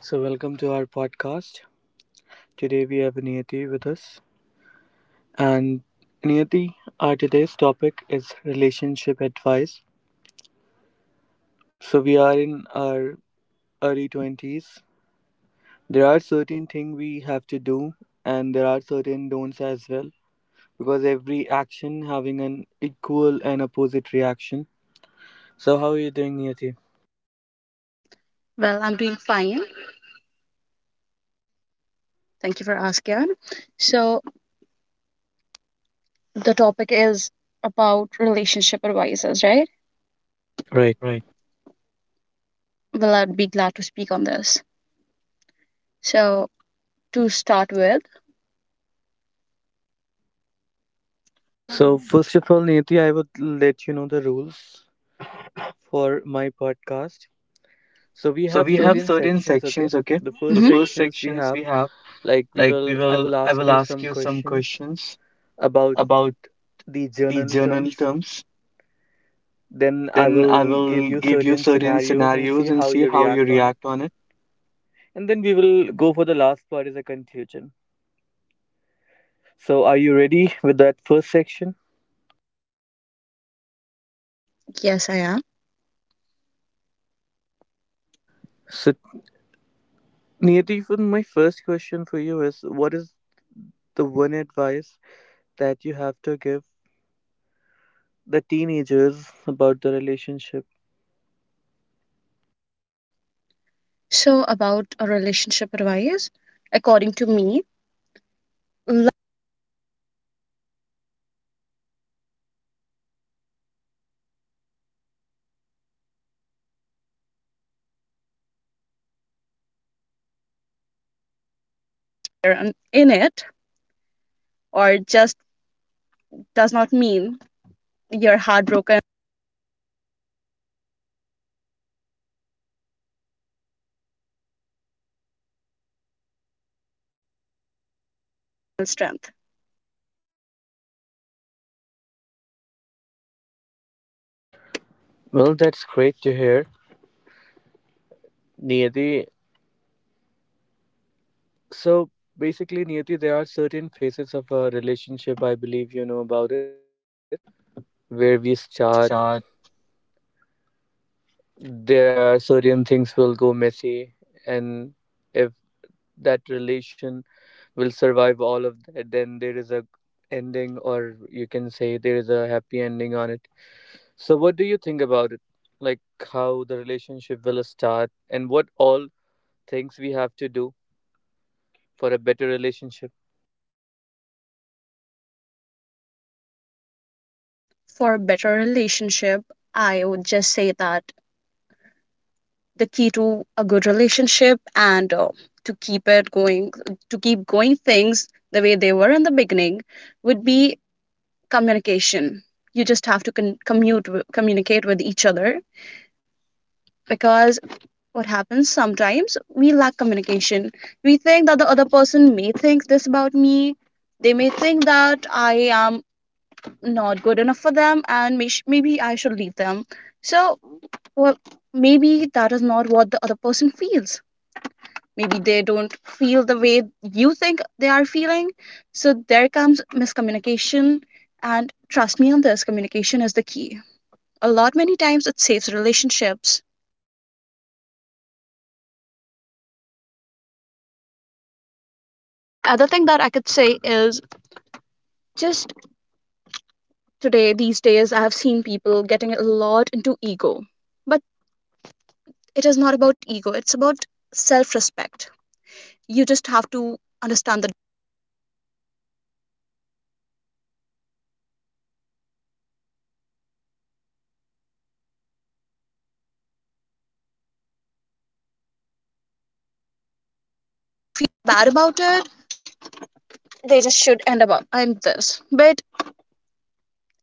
So, welcome to our podcast. Today we have Niyati with us. And Niyati, our today's topic is relationship advice. So, we are in our early 20s. There are certain things we have to do, and there are certain don'ts as well, because every action having an equal and opposite reaction. So, how are you doing, Niyati? Well, I'm doing fine. Thank you for asking. So, the topic is about relationship advisors, right? Right. Right. Well, I'd be glad to speak on this. So, to start with, So, first of all, Niyati, I would let you know the rules for my podcast. So we have so we have certain certain sections, okay? sections, okay? The The first first sections we sections have, we have, like we like will we I will will I ask will you ask some you some questions questions about about the the journal journal terms. terms. Then I Then I will give will you give you certain certain scenarios and see scenarios and how see you how you react on it. react on it. And then we will go for the last part is a conclusion. So are you ready with that first section? Yes, I am. So Niyati, for my first question for you is what is the one advice that you have to give the teenagers about the relationship? So, about a relationship advice, according to me, in it, or just does not mean you're heartbroken strength. Well, that's great to hear. Niyati, so basically, Niyati, there are certain phases of a relationship, I believe you know about it, where we Where we start, start, there are certain things will go messy, and if that relation will survive all of that, then there is a ending, or you can say there is a happy ending on it. So what do you think about it? Like how the relationship will start, and what all things we have to do for a better relationship? for better relationship, I would just say that the key to a good relationship, and to keep it going, to keep going things the way they were in the beginning, would be communication. You just have to commute, communicate with each other, because what happens sometimes, we lack communication. We think that the other person may think this about me, they may think that I am not good enough for them, and maybe I should leave them. So well, maybe that is not what the other person feels. Maybe they don't feel the way you think they are feeling. So there comes miscommunication, and trust me on this, communication is the key. A lot many times it saves relationships. The other thing that I could say is, just, today, these days, I have seen people getting a lot into ego, but it is not about ego, it's about self-respect. You just have to understand that if you feel bad about it, they just should end up I'm this, but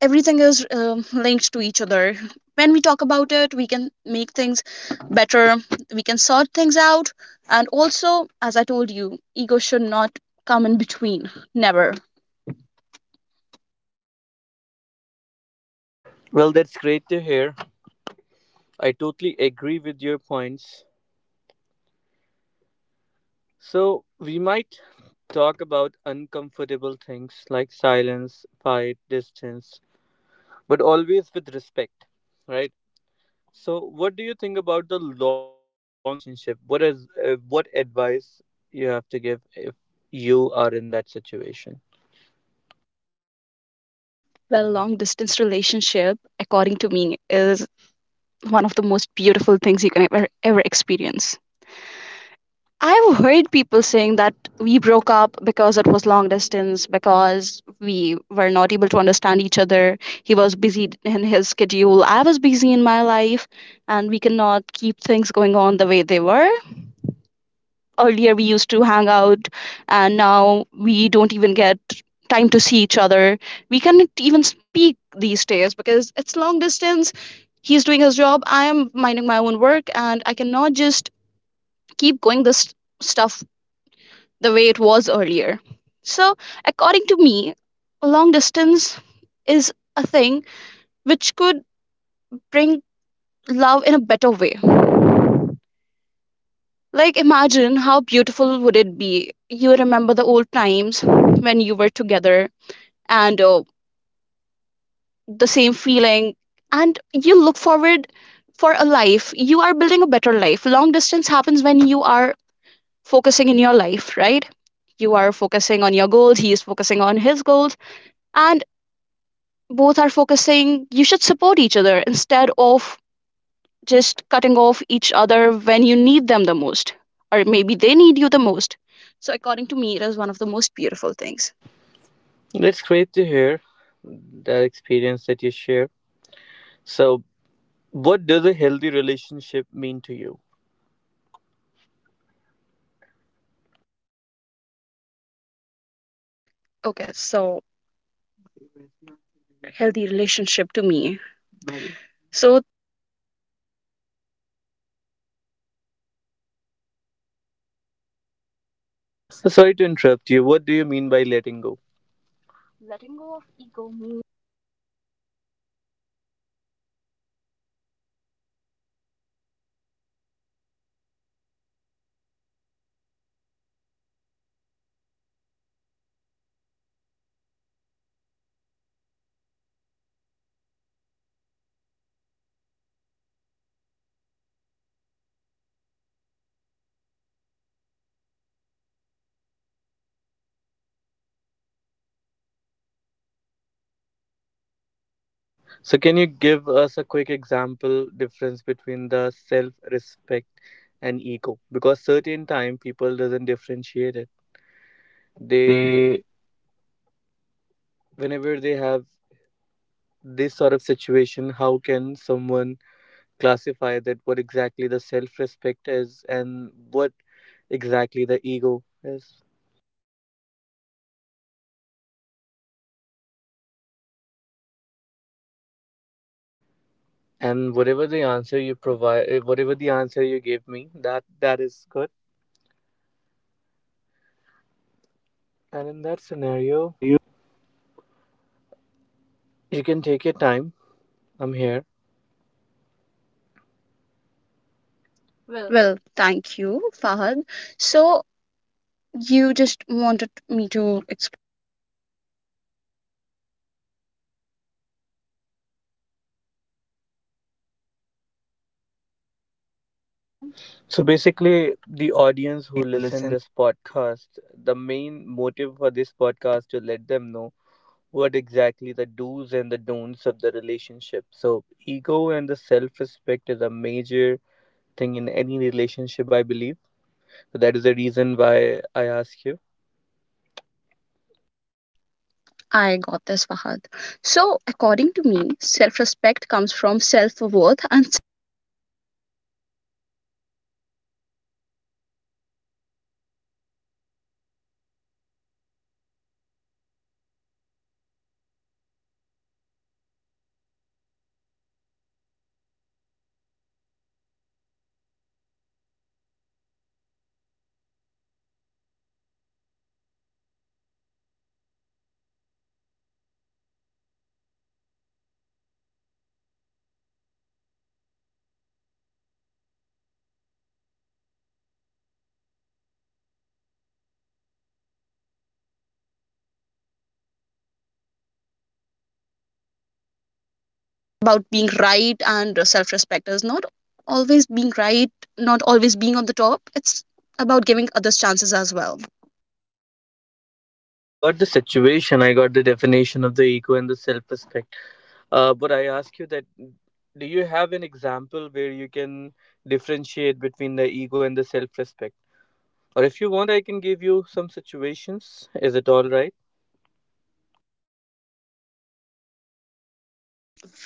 everything is linked to each other. When we talk about it, we can make things better. We can sort things out. And also, as I told you, ego should not come in between, never. Well, that's great to hear. I totally agree with your points. So, we might talk about uncomfortable things like silence, fight, distance, but always with respect, right? So, what do you think about the long distance relationship? What is what advice you have to give if you are in that situation? Well, long distance relationship, according to me, is one of the most beautiful things you can ever experience. I've heard people saying that we broke up because it was long distance, because we were not able to understand each other. He was busy in his schedule, I was busy in my life, and we cannot keep things going on the way they were. Earlier, we used to hang out, and now we don't even get time to see each other. We cannot even speak these days because it's long distance. He's doing his job, I am minding my own work, and I cannot just keep going this stuff the way it was earlier. So according to me, long distance is a thing which could bring love in a better way. Like, imagine how beautiful would it be. You remember the old times when you were together, and the same feeling, and you look forward for a life, you are building a better life. Long distance happens when you are focusing in your life, right? You are focusing on your goals, he is focusing on his goals, and both are focusing. You should support each other instead of just cutting off each other when you need them the most, or maybe they need you the most. So, according to me, it is one of the most beautiful things. That's great to hear that experience that you share. So, what does a healthy relationship mean to you? Okay, so healthy relationship to me. So, So, sorry to interrupt you. What do you mean by letting go? So can you give us a quick example difference between the self-respect and ego? Because certain time people doesn't differentiate it. They they whenever they have this sort of situation, how can someone classify that what exactly the self-respect is and what exactly the ego is? And whatever the answer you provide, whatever the answer you gave me, that is good. And in that in that scenario. scenario, you can take your time. I'm here. Well. Well, thank you, Fahad. So, you just wanted me to explain. Um, So basically, the audience who listen Listen. this podcast, the main motive for this podcast to let them know what exactly the do's and the don'ts of the relationship. So ego and the self-respect is a major thing in any relationship, I believe. So that is the reason why I ask you. I got this, Fahad. So, according to me, self respect comes from self worth and about being right, and self respect is not always being right, not always being on the top. It's about giving others chances as well. No, I got the situation. I got the definition of the ego and the self-respect. But I ask you that: do you have an example where you can differentiate between the ego and the self-respect? Or if you want, I can give you some situations. Is it all right?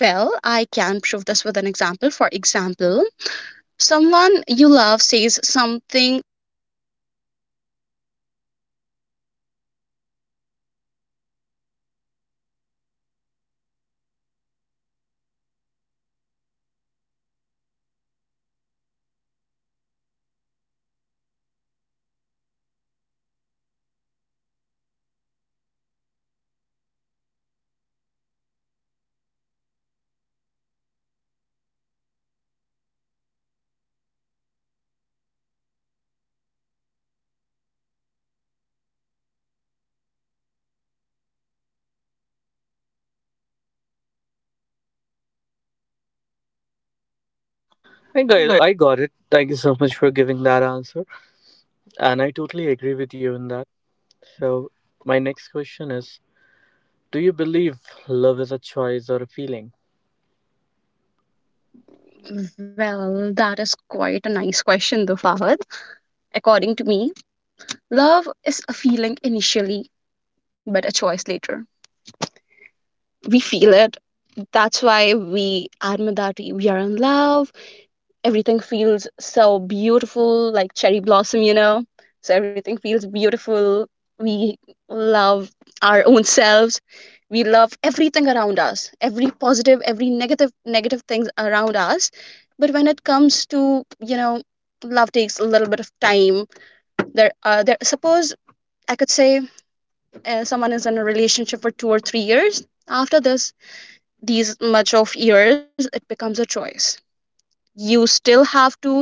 Well, I can prove this with an example. For example, someone you love says something. I got. I got it. Thank you so much for giving that answer. And I totally agree with you in that. So, my next question is do you believe love is a choice or a feeling? Well, that is quite a nice question, though, Fahad. According to me, love is a feeling initially, but a choice later. We feel it. That's why we admit that we are in love. Everything feels so beautiful, like cherry blossom, So everything feels beautiful. We love our own selves. We love everything around us, every positive, every negative, negative things around us. But when it comes to, love takes a little bit of time. There, there. Suppose I could say someone is in a relationship for 2 or 3 years. After this, these much of years it becomes a choice. You still have to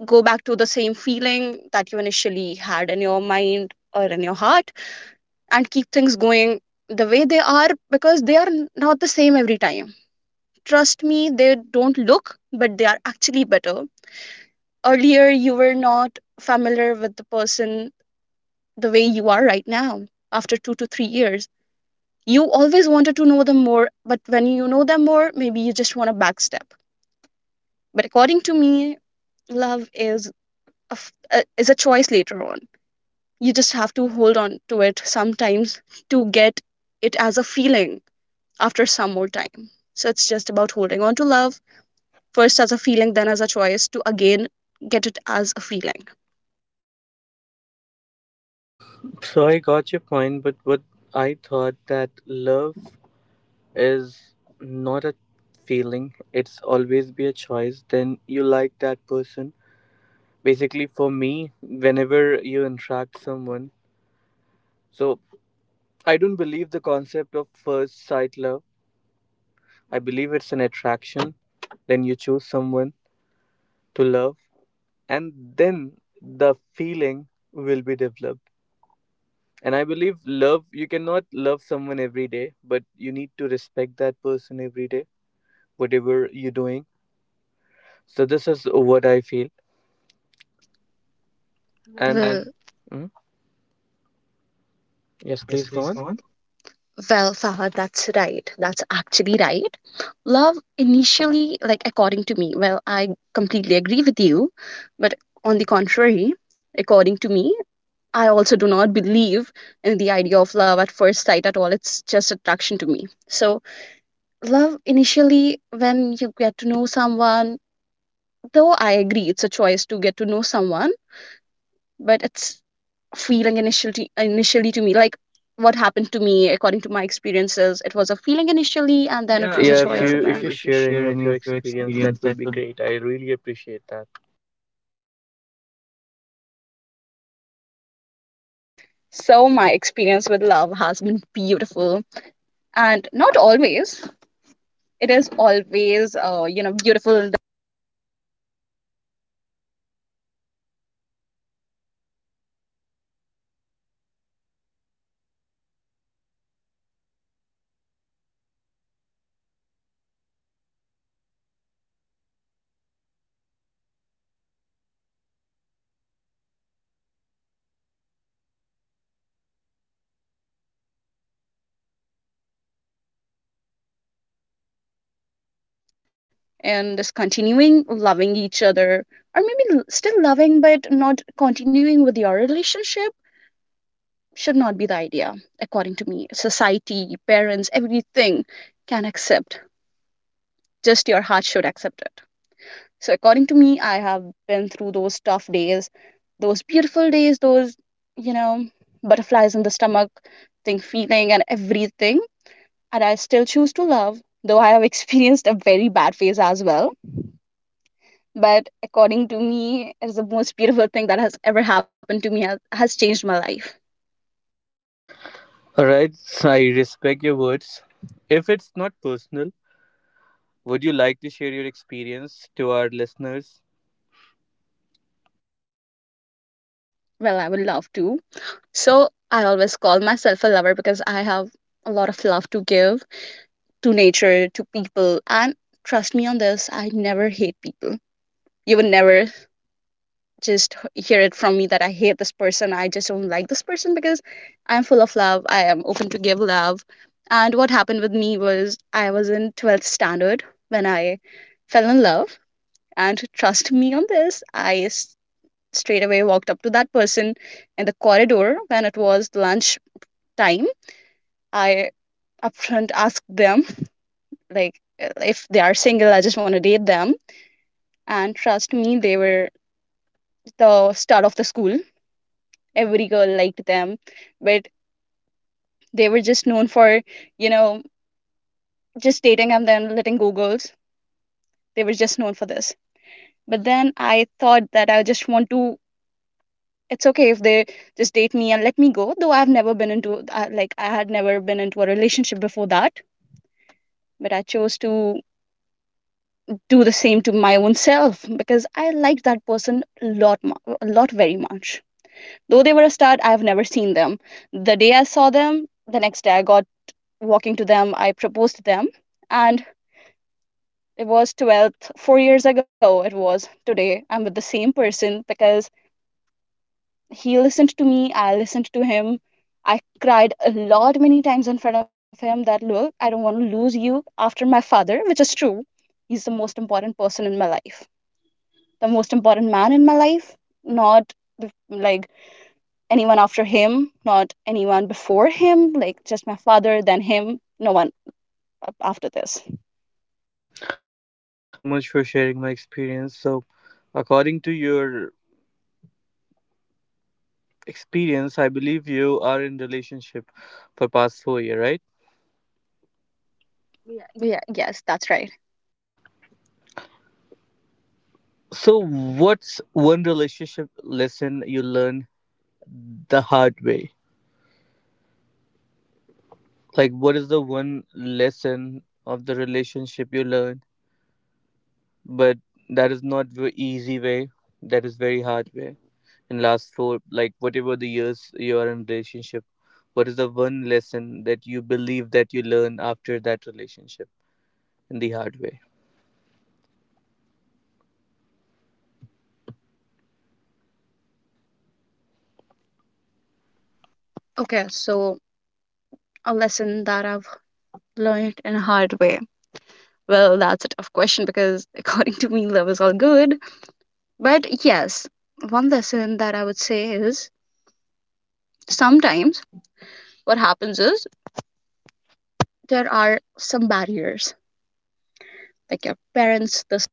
go back to the same feeling that you initially had in your mind or in your heart and keep things going the way they are, because they are not the same every time. Trust me, they don't look, but they are actually better. Earlier you were not familiar with the person the way you are right now. After 2 to 3 years, you always wanted to know them more, but when you know them more, maybe you just want to backstep. But according to me, love is a choice later on. You just have to hold on to it sometimes to get it as a feeling after some more time. So it's just about holding on to love, first as a feeling, then as a choice, to again get it as a feeling. So, I got your point, but what I thought that love is not a feeling, it's always be a choice. Then you like that person. Basically, for me, whenever you interact someone, so I don't believe the concept of first sight love. I believe it's an attraction. Then you choose someone to love, and then the feeling will be developed. And I believe love, you cannot love someone every day, but you need to respect that person every day, whatever you're doing. So this is what I feel. Well, And and mhm, yes, yes, please go please on. go on. Well, Fahad, that's right, that's actually right. Love initially, like, according to me, well, I completely agree with you, but on the contrary, according to me, I also do not believe in the idea of love at first sight at all. It's just attraction to me. So, love initially, when you get to know someone, though I agree it's a choice to get to know someone, but it's feeling initially to me. Like, what happened to me, according to my experiences, it was a feeling initially, and Yeah, then it yeah, was a yeah, so yeah, choice. If and if you you then if you share any share of any your of your experience, that experience, would that be would. great. I really appreciate that. So my experience with love has been beautiful and not always. It is always, beautiful, and just continuing loving each other, or maybe still loving but not continuing with your relationship, should not be the idea. According to me, society, parents, everything can accept, just your heart should accept it. So according to me, I have been through those tough days, those beautiful days, those, you know butterflies in the stomach thing, feeling and everything, and I still choose to love, though I have experienced a very bad phase as well. But according to me, it's the most beautiful thing that has ever happened to me, has changed my life. Alright, so I respect your words. If it's not personal, would you like to share your experience to our listeners? Well, I would love to. So I always call myself a lover, because I have a lot of love to give, to nature, to people, and trust me on this, I never hate people. You would never just hear it from me that I hate this person, I just don't like this person, because I'm full of love, I am open to give love. And what happened with me was, I was in 12th standard when I fell in love. And trust me on this, straight away walked up to that person in the corridor when it was lunch time. I upfront asked them, like, if they are single, I just want to date them. And trust me, they were the star of the school. Every girl liked them, but they were just known for, you know, just dating and then letting go girls. They were just known for this. But then I thought that I just want to, it's okay if they just date me and let me go, though I've never been into like I had never been into a relationship before that. But I chose to do the same to my own self, because I liked that person a lot, a lot, very much. Though they were a stud, I've never seen them. The day I saw them, the next day I got walking to them, I proposed to them. And it was 12th, 4 years ago, it was, today I'm with the same person, because he listened to me, I listened to him. I cried a lot many times in front of him that, look, I don't want to lose you after my father, which is true. He's the most important person in my life, the most important man in my life. Not bef- like anyone after him, not anyone before him, like, just my father, then him, no one. After this, Well, thank you so much for sharing my experience. So, according to your experience, I believe you are in relationship for past 4 year, right? Yeah. yeah, yes, that's right. So, what's one relationship lesson you learned the hard way? Like, what is the one lesson of the relationship you learned, but that is not the easy way, that is very hard way? In last four, like whatever the years you are in relationship, what is the one lesson that you believe that you learn after that relationship in the hard way? Okay, so a lesson that I've learned in a hard way, well, that's a tough question, because according to me, love is all good. But yes, one lesson that I would say is sometimes what happens is, there are some barriers. Like your parents, this,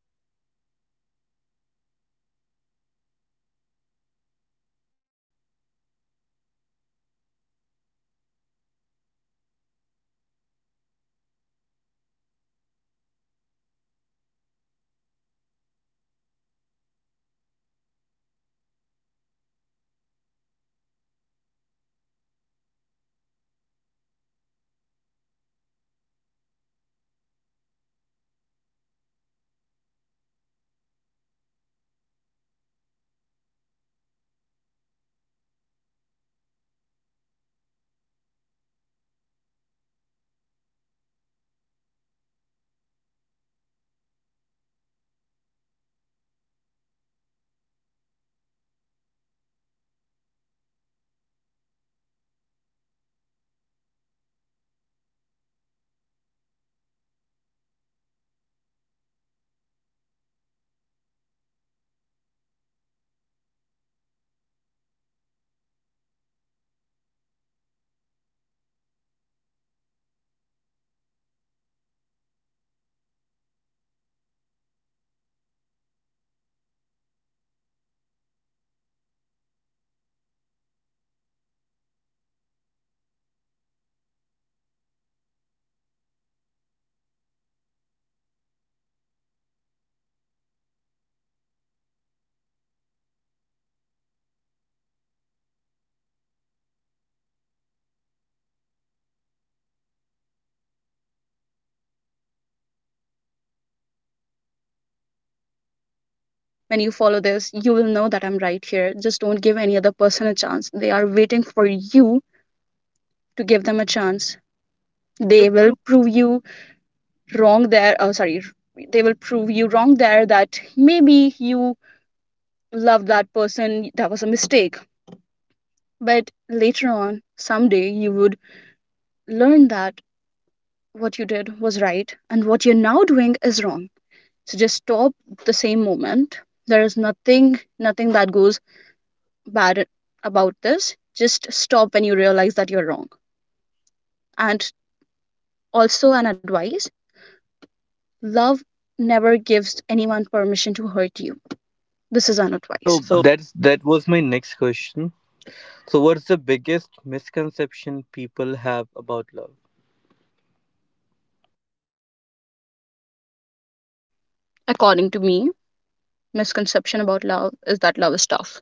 when you follow this, you will know that I'm right here. Just don't give any other person a chance. They are waiting for you to give them a chance. Able They will proof. prove you wrong there. Oh, sorry. They will prove you wrong there that maybe you loved that person. That was a mistake. But later on, someday, you would learn that what you did was right and what you're now doing is wrong. So just stop the same moment. There is nothing that goes bad about this. Just stop when you realize that you're wrong. And also an advice, love never gives anyone permission to hurt you. This is an So advice. So that's, that was my next question, so what's the biggest misconception people have about love? according to me, misconception about love is that love is tough.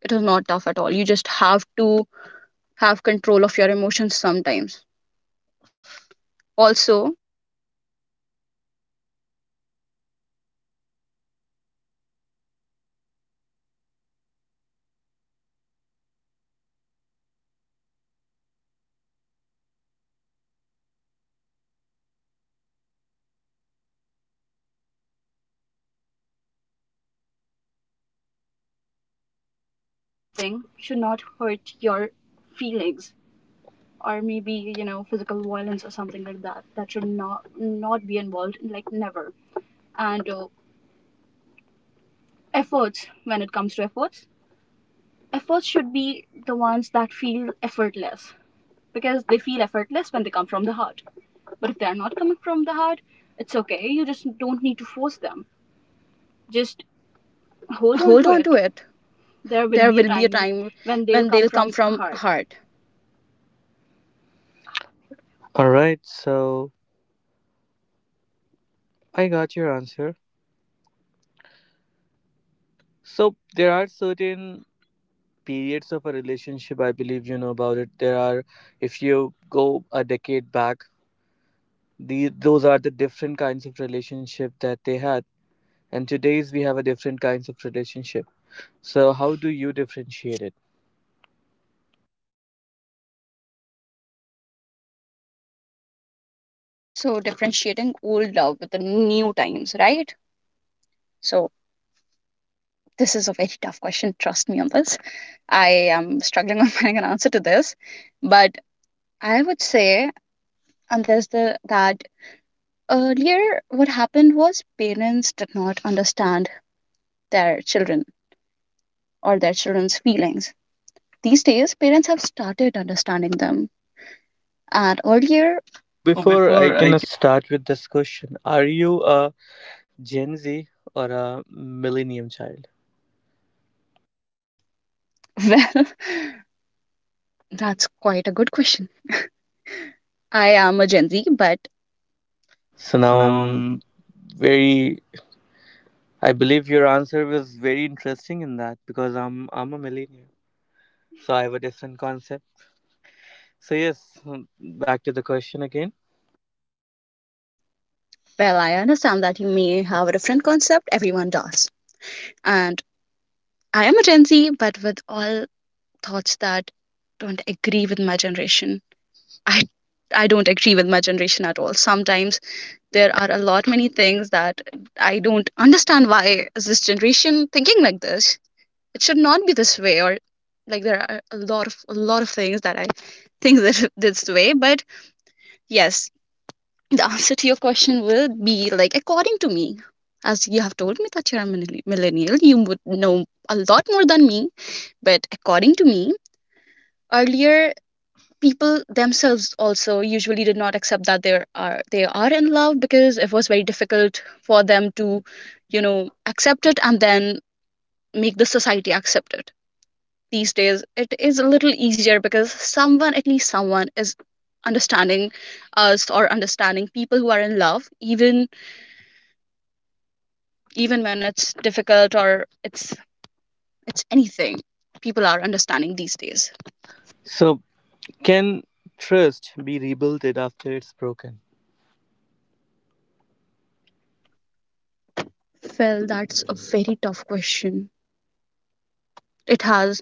It is not tough at all. You just have to have control of your emotions sometimes. Also, Anything should not hurt your feelings or maybe, you know, physical violence or something like that. That should not be involved, like never. And Efforts, when it comes to efforts, efforts should be the ones that feel effortless because they feel effortless when they come from the heart. But if they are not coming from the heart, it's okay. You just don't need to force them. Just hold on hold to on to it. it. There will There be a will be a time time when they'll when come they'll come from from heart. heart. All right, so I got your answer. So there are certain periods of a relationship. I believe you know about it. There are, if you go a decade back, these those are the different kinds of relationship that they had. And today's we have a different kinds of relationship. So how do you differentiate it? So differentiating old love with the new times, right? So this is a very tough question, trust me on this. I am struggling on finding an answer to this, but I would say, and there's the that earlier what happened was parents did not understand their children or their children's feelings. These days parents have started understanding them. And earlier, Oh, Oh, before I before I can start with this question, are you a Gen Z or a Millennium child? well, that's quite a good question. I am a Gen Z, but So so now now I'm I'm, very. I believe your answer was very interesting in that because I'm a millennial, so I have a different concept. So yes, back to the question again. well, I understand that you may have a different concept. Everyone does. And I am a Gen Z, but with all thoughts that don't agree with my generation. I I don't agree with my generation at all. Sometimes there are a lot many things that I don't understand. Why is this generation thinking like this? It should not be this way. Or like there are a lot of things that I think that this way, but yes, the answer to your question will be like according to me, as you have told me that you're a millennial, you would know a lot more than me. But according to me, earlier people themselves also usually did not accept that they are in love, because it was very difficult for them to, you know, accept it and then make the society accept it. These days it is a little easier because someone, at least someone, is understanding us, or understanding people who are in love, even even when it's difficult or it's anything, people are understanding these days. So can trust be rebuilt after it's broken? Well, that's a very tough question. It has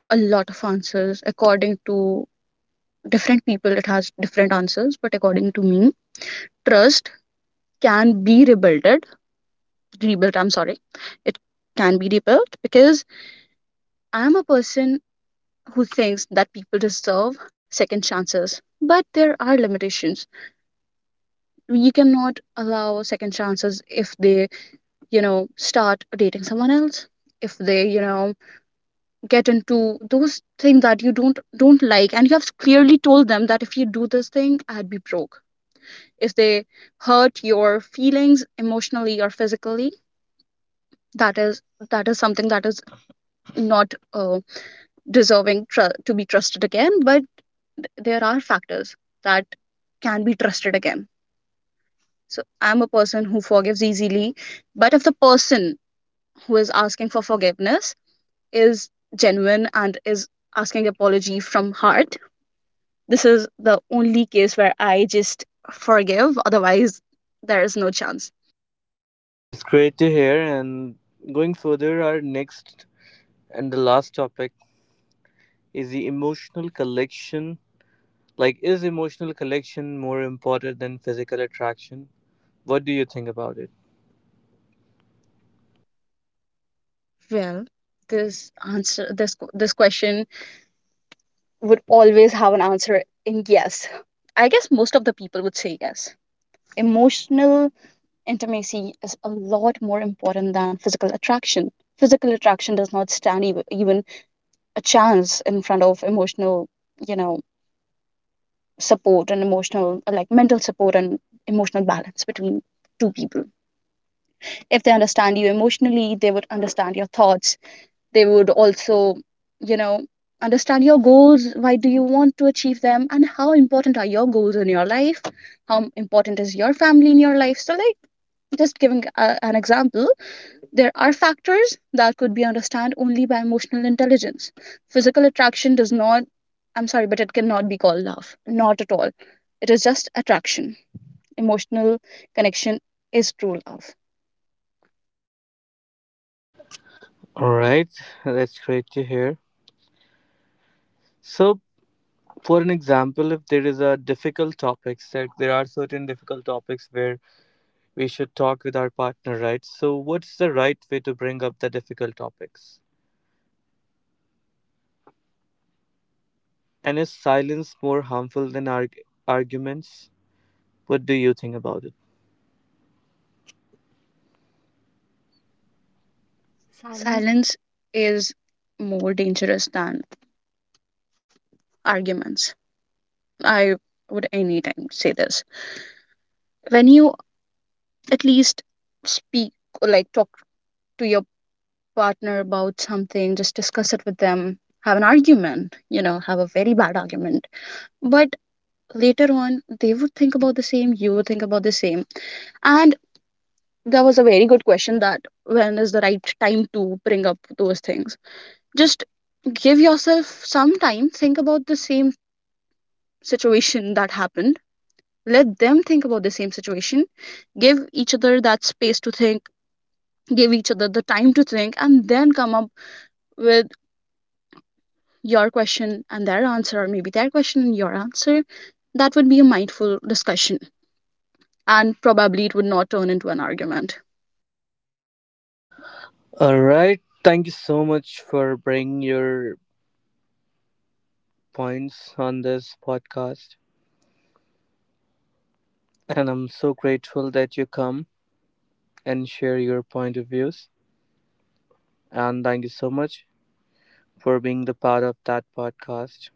a lot of answers. According to different people it has different answers, but according to me, trust can be rebuilded rebuilt, I'm sorry. It can be rebuilt because I'm a person who thinks that people deserve second chances, but there are limitations. You cannot allow second chances if they, you know, start dating someone else. If they, you know, get into those things that you don't like, and you have clearly told them that if you do this thing, I'd be broke. If they hurt your feelings emotionally or physically, that is that is something that is not deserving to be trusted again. But there are factors that can be trusted again. So I'm a person who forgives easily, but if the person who is asking for forgiveness is genuine and is asking apology from heart, this is the only case where I just forgive. Otherwise there is no chance. That's great to hear. And going further, our next and the last topic is the emotional collection. Like, is emotional collection more important than physical attraction? What do you think about it? Well, this answer this this question would always have an answer in yes. I guess most of the people would say yes. Emotional intimacy is a lot more important than physical attraction. Physical attraction does not stand even even a chance in front of emotional, you know, support and emotional like mental support and emotional balance between two people. If they understand you emotionally, they would understand your thoughts. They would also, you know, understand your goals, why do you want to achieve them and how important are your goals in your life, how important is your family in your life. So like, just giving a, an example, there are factors that could be understood only by emotional intelligence. Physical attraction does not, I'm sorry, but it cannot be called love. Not at all. It is just attraction. Emotional connection is true love. All right, that's great to hear. So, for an example, if there is a difficult topics that there are certain difficult topics where we should talk with our partner, right? So, what's the right way to bring up the difficult topics? And is silence more harmful than arguments? What do you think about it? Silence. Silence is more dangerous than arguments. I would anytime say this. When you at least speak or like talk to your partner about something, just discuss it with them, have an argument, you know, have a very bad argument. But later on, they would think about the same, you would think about the same. And there was a very good question that when is the right time to bring up those things? Just give yourself some time, think about the same situation that happened, let them think about the same situation, give each other that space to think, give each other the time to think and then come up with your question and their answer, or maybe their question and your answer. That would be a mindful discussion and probably it would not turn into an argument. All right. Thank you so much for bringing your points on this podcast. And I'm so grateful that you come and share your point of views. And thank you so much for being the part of that podcast.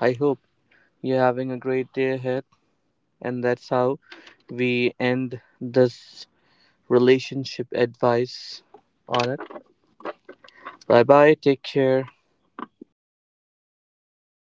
I hope you're having a great day ahead. And that's how we end this relationship advice on it. Bye bye. Take care. Thank you, Thank you, Farhan. Fahad.